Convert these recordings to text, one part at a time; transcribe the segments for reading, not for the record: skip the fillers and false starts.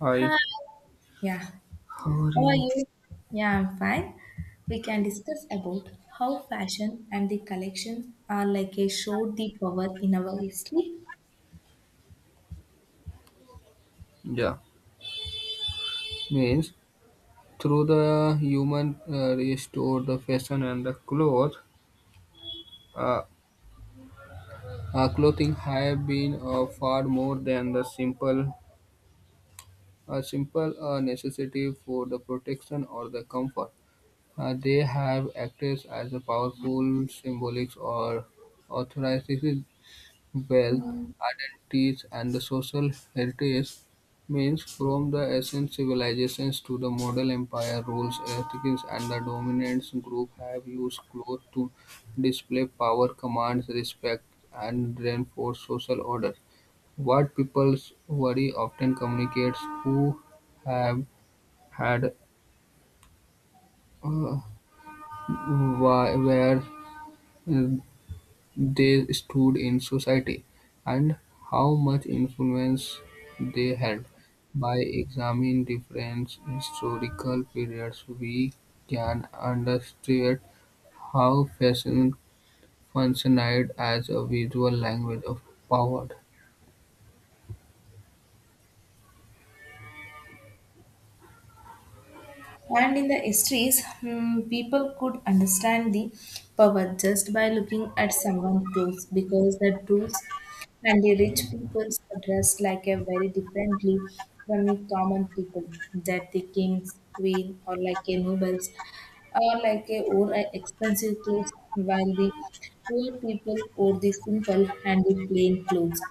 Hi. Hi. Yeah. How are How are you? you? Yeah, I'm fine. We can discuss about how fashion and the collections are like a showed the power in our history. Yeah, means through the human restore the fashion and the cloth. Uh, Clothing have been far more than the simple necessity for the protection or the comfort. They have acted as a powerful symbolics or authorities, wealth, identities, and the social heritage, means from the ancient civilizations to the modern empire, rules, ethics, and the dominant group have used clothes to display power, commands, respect, and reinforce social order. What people's worry often communicates who have had, uh, where they stood in society, and how much influence they had. By examining different historical periods, we can understand how fashion functioned as a visual language of power. And in the histories, people could understand the power just by looking at someone close, because the rules and the rich peoples are dressed like a very differently from the common people, that the kings, queen, or like a nobles or like a wore a expensive clothes while the poor people wore the simple and the plain clothes,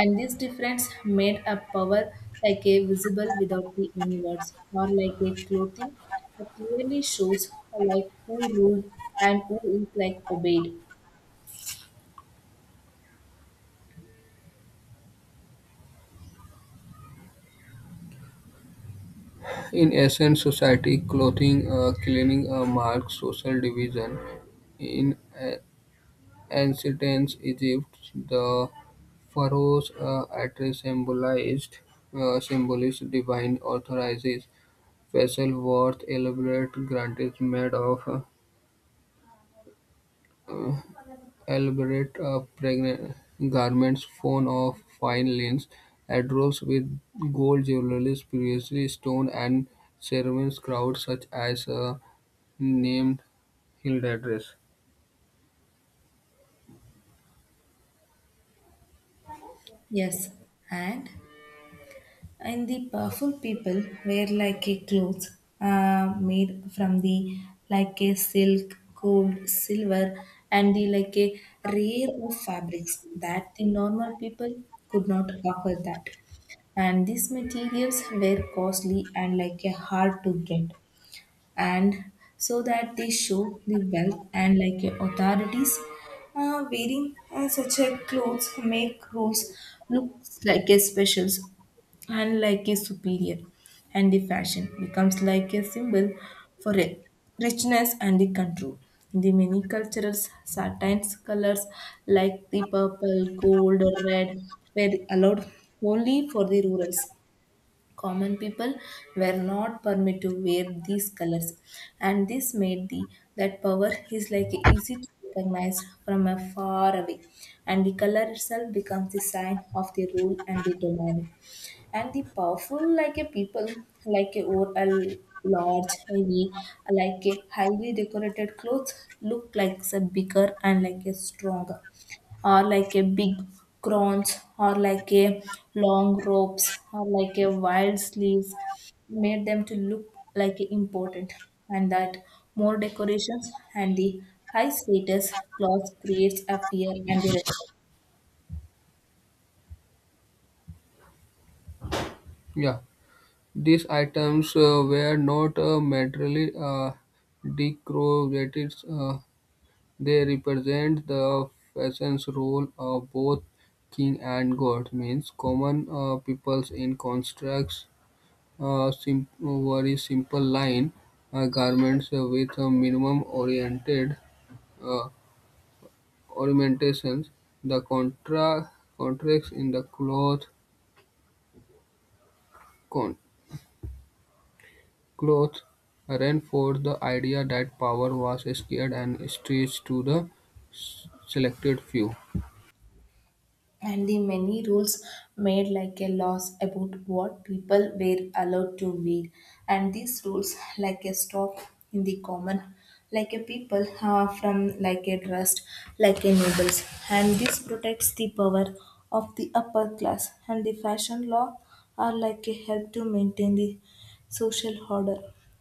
and this difference made a power like a visible without the any words, or like a clothing that clearly shows like who ruled and who is like obeyed. In ancient society, clothing, cleaning marked social division. In Ancient Egypt, the pharaohs atri symbolized divine authorizes, vessel worth elaborate garments made of uh, elaborate pregnant garments formed of fine linens, adorned with gold jewelry, previously stone and ceremonies crowd such as named Hilda dress. Yes, and And the powerful people wear like a clothes made from the like a silk, gold, silver, and the like a rare of fabrics that the normal people could not offer that. And these materials were costly and like a hard to get, and so that they show the wealth and like authorities, wearing such a clothes make roles look like a specials and like a superior, and the fashion becomes like a symbol for a richness and the control. The many cultural satins colors like the purple, gold, or red were allowed only for the rurals. Common people were not permitted to wear these colors, and this made the that power is like easy to recognize from a far away, and the color itself becomes the sign of the rule and the domain. And the powerful like a people, like a, or a large heavy, like a highly decorated clothes look like a bigger and like a stronger, or like a big crowns or like a long ropes or like a wild sleeves made them to look like a important, and that more decorations and the high status cloth creates a fear and the respect. Yeah. These items were not materially decorated; they represent the fashion's role of both king and god. Means common peoples in constructs, uh, sim- very simple line garments with a minimum oriented uh, ornamentations. The contra- Contracts in the cloth, con- cloth reinforced the idea that power was scarce and stretched to the selected few. And the many rules made like a laws about what people were allowed to wear, and these rules like a stop in the common like a people from like a trust like a nobles, and this protects the power of the upper class, and the fashion law are like a help to maintain the social order,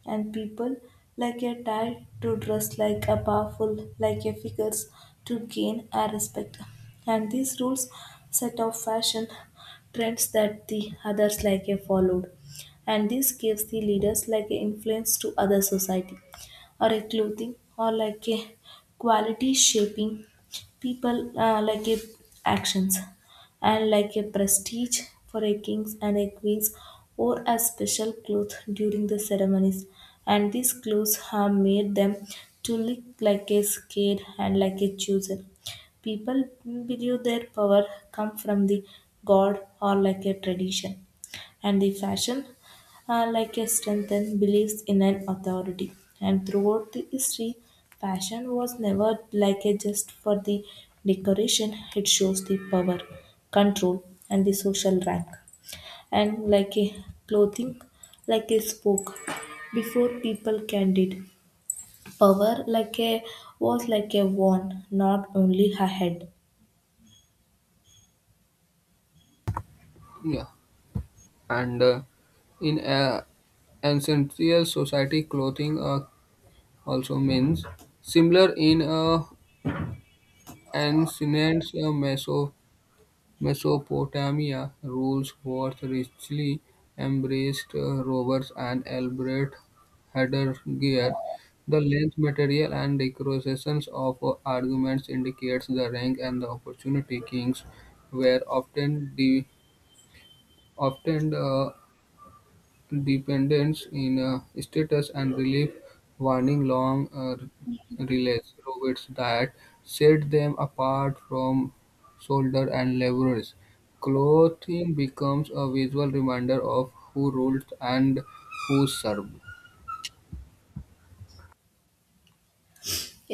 and people like a tie to dress like a powerful, like a figures to gain our respect. And these rules set off fashion trends that the others like a followed. And this gives the leaders like a influence to other society, or a clothing, or like a quality shaping people like a actions and like a prestige for a kings and a queens, or a special cloth during the ceremonies, and these clothes have made them to look like a scared and like a chosen. People believe their power come from the god or like a tradition, and the fashion are like a strength and beliefs in an authority. And throughout the history, fashion was never like a just for the decoration. It shows the power, control, and the social rank. And like a clothing like a spoke before people can did. Power like a was like a wand, not only a head. Yeah, and in ancient society, clothing also means similar in ancient Mesopotamia rules was richly embraced rovers and elaborate headgear. The length, material, and decorations of arguments indicates the rank and the opportunity kings were often dependence in status and relief warning long relays robots that set them apart from soldiers and laborers. Clothing becomes a visual reminder of who rules and who serve.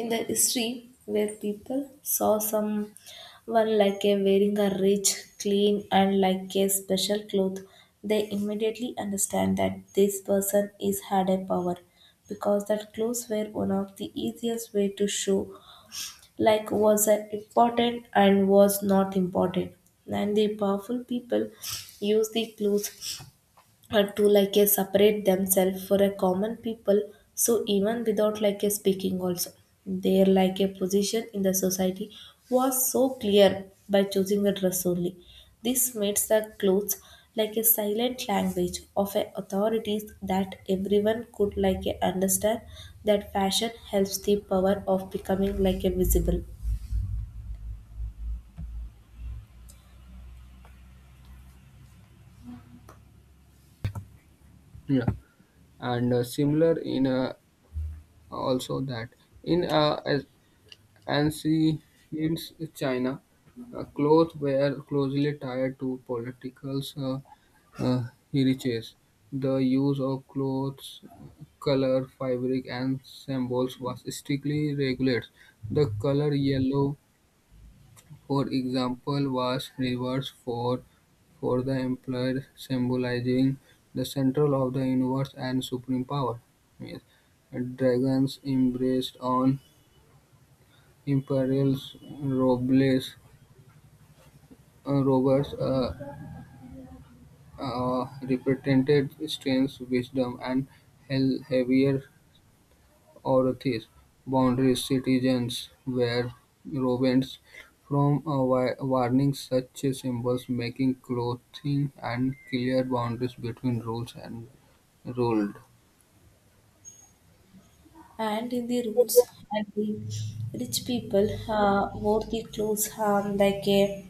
In the history, where people saw someone like a wearing a rich clean and like a special cloth, they immediately understand that this person is had a power, because that clothes were one of the easiest way to show like was a important and was not important. And the powerful people use the clothes to like a separate themselves for a common people, so even without like a speaking also, their like a position in the society was so clear by choosing a dress only. This makes the clothes like a silent language of a authorities, that everyone could like a understand, that fashion helps the power of becoming like a visible. Yeah, and similar in also, that in as and she hints China. Clothes were closely tied to political uh, heritage. The use of clothes, color, fabric, and symbols was strictly regulated. The color yellow, for example, was reversed for the emperor, symbolizing the central of the universe and supreme power. Yes. Dragons embraced on imperial robles nobles represented strength, wisdom, and heavier authority; boundary citizens were robins from wearing such symbols, making clothing and clear boundaries between rules and ruled. And in the rules and the rich people wore the clothes like a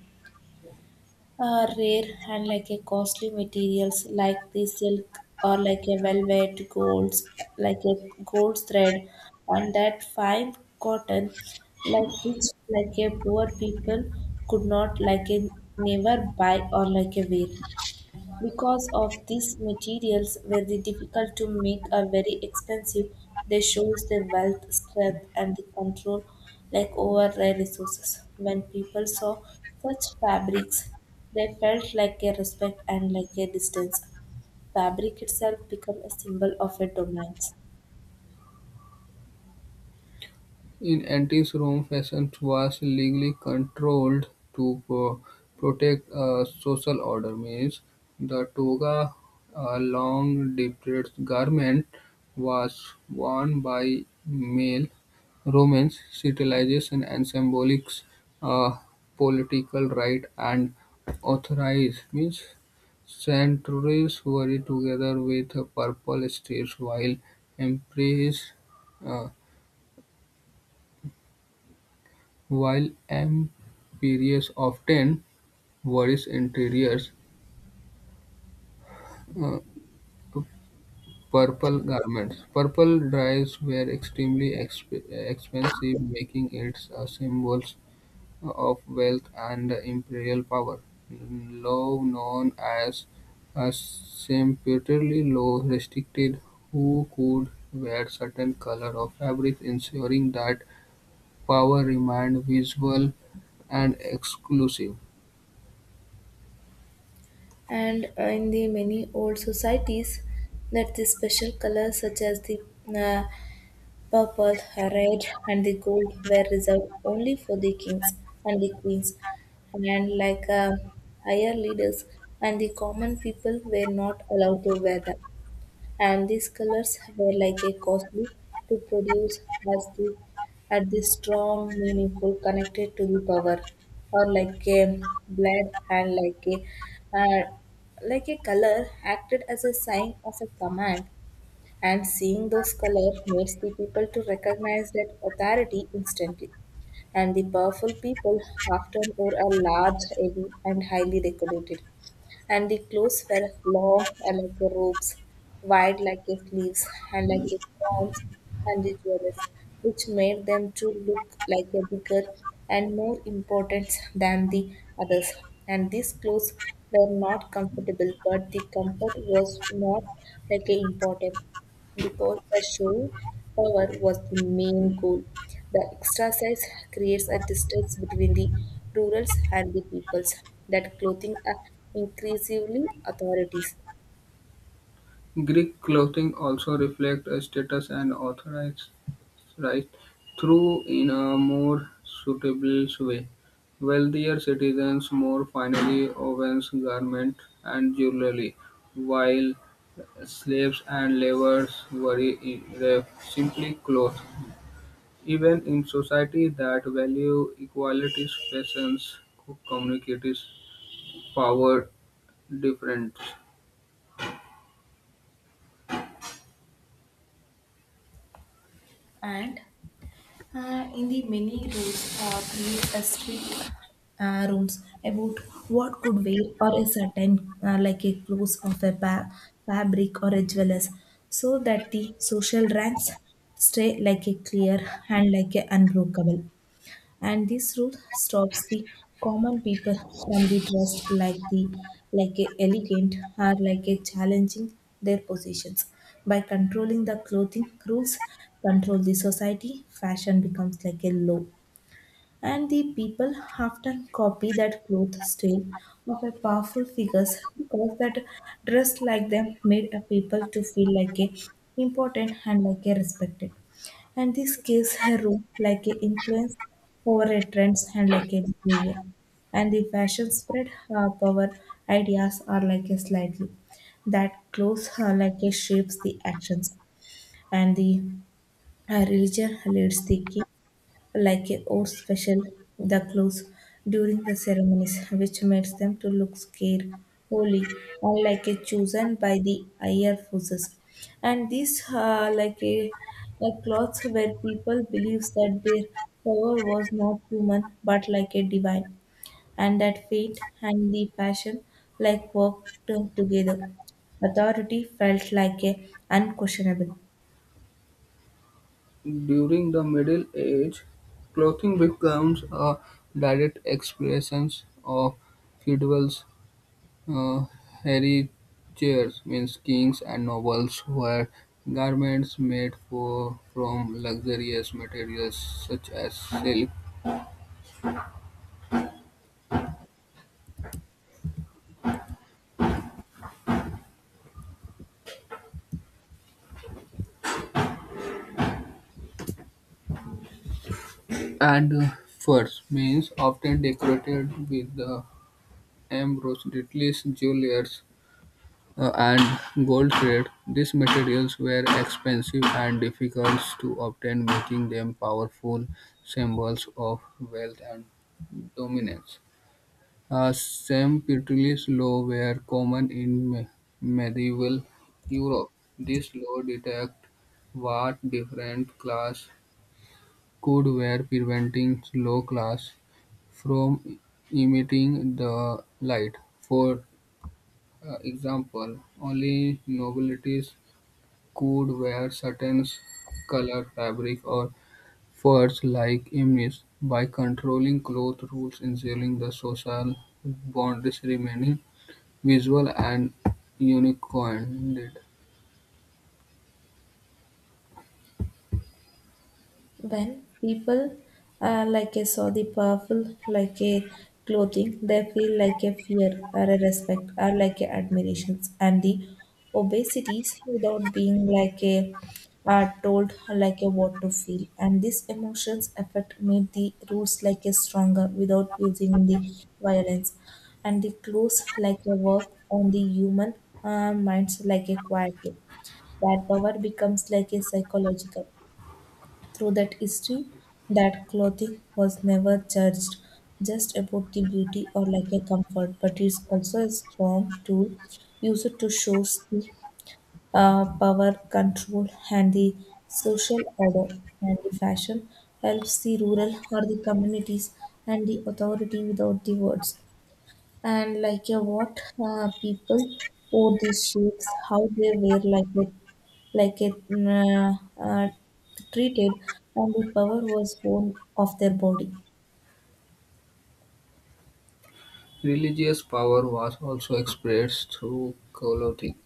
Rare and like a costly materials like the silk or like a velvet golds, like a gold thread and that fine cotton, like which like a poor people could not like a never buy or like a wear, because of these materials were the difficult to make, are very expensive, they shows their wealth, strength, and the control like over rare resources. When people saw such fabrics, they felt like a respect and like a distance. Fabric itself become a symbol of a dominance. In antique Rome, fashion was legally controlled to pro- protect a social order, means the toga, a long draped garment, was worn by male Romans. Civilization and symbolics, uh, political right and authorize, means centuries worried together with a purple streets while emperors. uh, While interiors often varies interiors, uh, purple garments. Purple dyes were expensive, making it a symbol of wealth and imperial power. Law known as a sumptuary law restricted who could wear certain color of fabric, ensuring that power remained visible and exclusive. And in the many old societies, that the special colors, such as the uh, purple, red, and the gold were reserved only for the kings and the queens, and like higher leaders, and the common people were not allowed to wear them. And these colors were like a costly to produce as the at the strong, meaningful, connected to the power, or like a blood and like a uh, color acted as a sign of a command, and seeing those colors makes the people to recognize that authority instantly. And the powerful people often wore a large heavy and highly decorated, and the clothes were long like the robes, wide like a sleeves and like a crowns and the jewels, which made them to look like a bigger and more important than the others, and these clothes were not comfortable but the comfort was not like a important, because the show power was the main goal. The extra size creates a distance between the rurals and the peoples, that clothing are increasingly authorities. Greek clothing also reflects a status and authorized through in a more suitable way. Wealthier citizens more finely wove garments and jewelry, while slaves and laborers wore simply clothes. Even in society that value equality, fashions communicates power difference. And in the many rules create a strict rules about what could wear, or a certain like a clothes of a fabric or a jewelers, so that the social ranks stay like a clear and like a unbreakable, and this rule stops the common people from the dressed like the like a elegant, or like a challenging their positions. By controlling the clothing rules, control the society, fashion becomes like a law, and the people often copy that cloth style of a powerful figures, because that dress like them made a people to feel like a important and like a respected. And this gives a role like a influence over a trends and like a behavior. And the fashion spread up our ideas are like a slightly, that clothes are like a shapes the actions, and the religion leads the king like a or special the clothes during the ceremonies, which makes them to look scared, holy, or like a chosen by the higher forces. And these like a cloths, where people believes that their power was not human but like a divine, and that fate and the passion like worked together. Authority felt like a unquestionable. During the Middle Ages, clothing becomes a direct expression of feudal's uh, heritage, means kings and nobles wear garments made for, from luxurious materials such as silk and furs, means often decorated with the embroideries, jewelry, and gold trade, these materials were expensive and difficult to obtain, making them powerful symbols of wealth and dominance. Sempronius law were common in medieval Europe. This law detect what different class could wear, preventing low class from emitting the light. For example, only nobilities could wear certain color fabric, or furs like imnis, by controlling cloth rules ensuring the social boundaries remaining visual and unincoded. When people like a saw the powerful like a clothing, they feel like a fear or a respect or like a admirations and the obesities, without being like a are told like a what to feel, and these emotions affect made the roots like a stronger without using the violence, and the close like a work on the human minds like a quietly, that power becomes like a psychological. Through that history, that clothing was never judged just about the beauty or like a comfort, but it's also a strong tool used to show the power, control, and the social order. And the fashion helps the rural or the communities and the authority without the words, and like yeah, what people wore these shapes how they were like it uh, uh, treated, and the power was born of their body. Religious power was also expressed through clothing.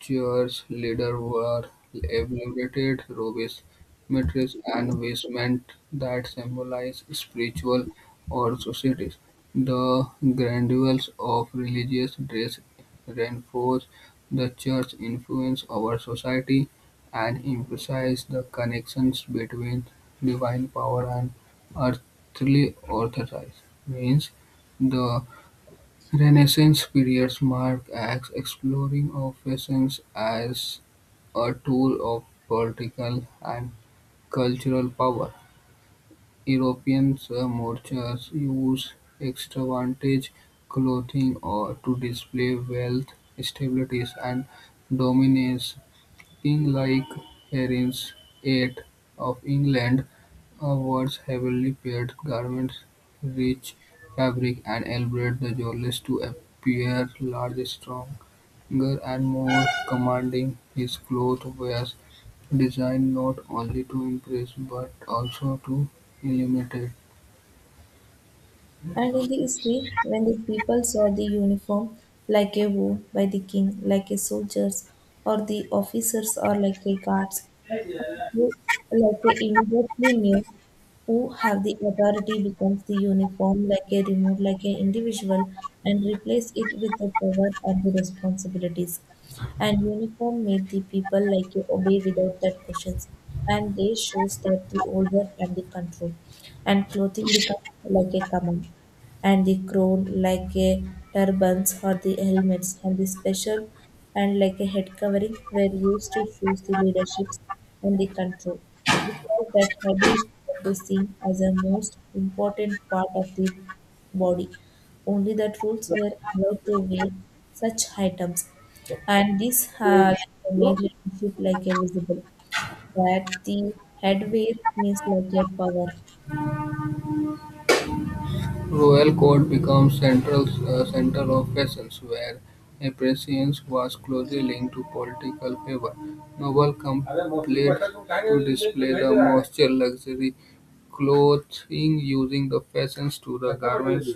Church leaders were elaborate rubies, mitres, and vestments that symbolized spiritual or societies. The grandeur of religious dress reinforced the church's influence over society and emphasized the connections between divine power and earthly authority. Means the Renaissance periods mark Acts' exploring of fashion as a tool of political and cultural power. European merchants used extravagant clothing or to display wealth, stability, and dominance. King like harems, eight, of England wards heavily padded garments, rich fabric, and enabled the jewels to appear larger, stronger, and more commanding. His clothes were designed not only to impress but also to illuminate. And in the history, when the people saw the uniform like a wound by the king, like a soldier's, or the officers or like a guard's, like a immediately knew who have the authority, becomes the uniform like a remote, like an individual, and replace it with the power and the responsibilities. And uniform made the people like a obey without that questions. And they shows that the order and the control. And clothing becomes like a command, and the crown like a turbans or the helmets and the special and like a head covering were used to choose the leaderships and the control, because that head is like a seen as a most important part of the body. Only that rules were allowed to wear such items, and this like made leadership like a visible, that the headwear means like a power. Royal Court became a centre of fashions, where appreciation was closely linked to political favour. Noble complied to display the most luxury clothing, using the fashions to the garments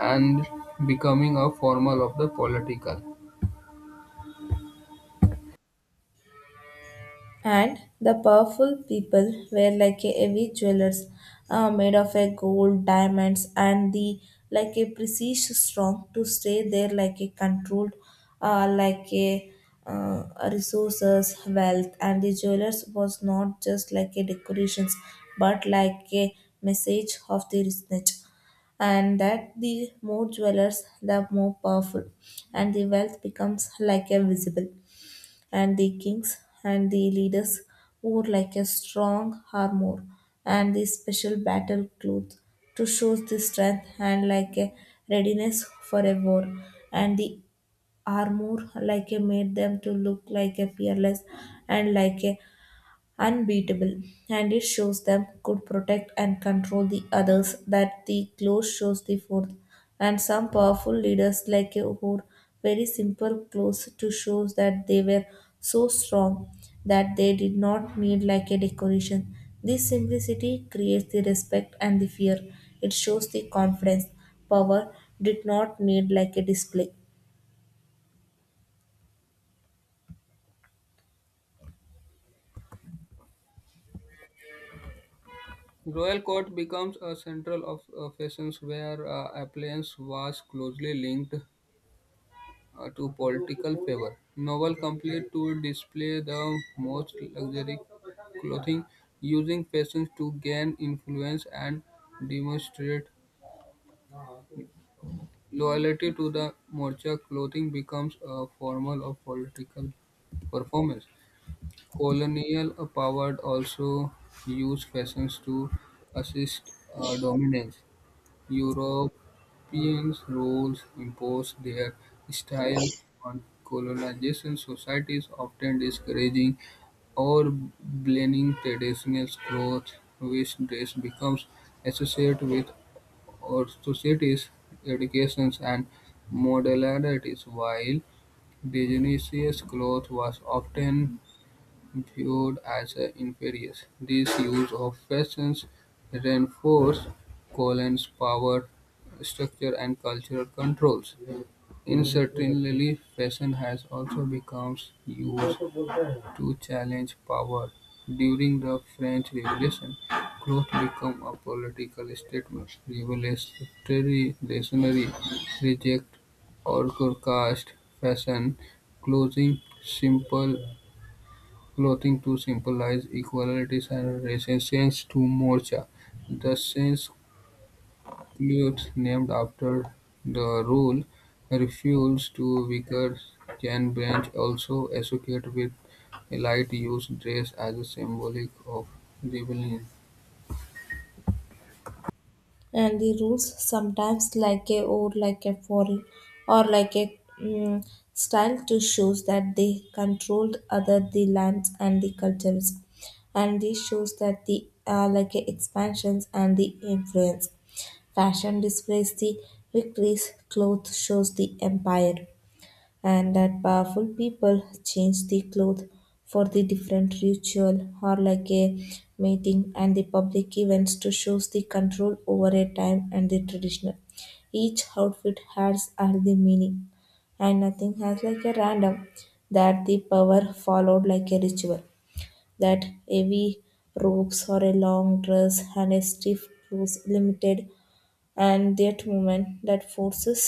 and becoming a formal of the political. And the powerful people were like a heavy jewelers made of a gold, diamonds, and the like a precious strong to stay there like a controlled, like a uh, resources, wealth, and the jewelers was not just like a decorations, but like a message of the richness, and that the more jewelers, the more powerful, and the wealth becomes like a visible. And the kings and the leaders wore like a strong armor and the special battle cloth to show the strength and like a readiness for a war, and the armor like a made them to look like a fearless and like a unbeatable, and it shows them could protect and control the others, that the clothes shows the fourth. And some powerful leaders like a wore very simple clothes to show that they were so strong that they did not need like a decoration. This simplicity creates the respect and the fear. It shows the confidence. Power did not need like a display. Royal court becomes a central of fashions where appliance was closely linked to political favor. Novel complete to display the most luxury clothing, using fashion to gain influence and demonstrate loyalty to the Morcha. Clothing becomes a formal of political performance. Colonial power also used fashions to assist dominance. European rules imposed their style on colonization societies, often discouraging or banning traditional clothes, which dress becomes associated with authority, educations and modalities, while indigenous clothes was often viewed as inferior. This use of fashions reinforced colon's power structure and cultural controls. Incidentally, fashion has also become used to challenge power. During the French Revolution, cloth became a political statement. Revolutionary reactionary reject or caste fashion, clothing simple clothing to symbolize equality and resistance to Morcha, the Sindh clothes named after the rule refused to wear branch also associated with light-used dress as a symbolic of rebellion. And the rules sometimes like a or like a foreign, or like a style to shows that they controlled other the lands and the cultures, and this shows that the like a expansions and the influence, fashion displays the victories, cloth shows the empire, and that powerful people change the clothes for the different ritual or like a meeting and the public events to shows the control over a time and the traditional. Each outfit has all the meaning and nothing has like a random, that the power followed like a ritual, that heavy robes or a long dress and a stiff clothes limited and that movement, that forces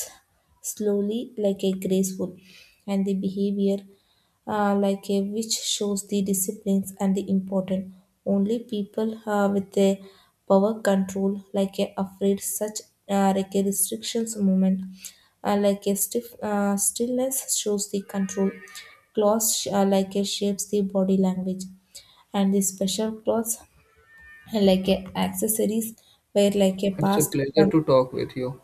slowly like a graceful and the behavior like a which shows the disciplines and the important, only people with a power control like a afraid such like a restrictions movement, like a stiff stillness shows the control, claws like a shapes the body language, and the special clothes like a accessories were like a It's a past pleasure from to talk with you.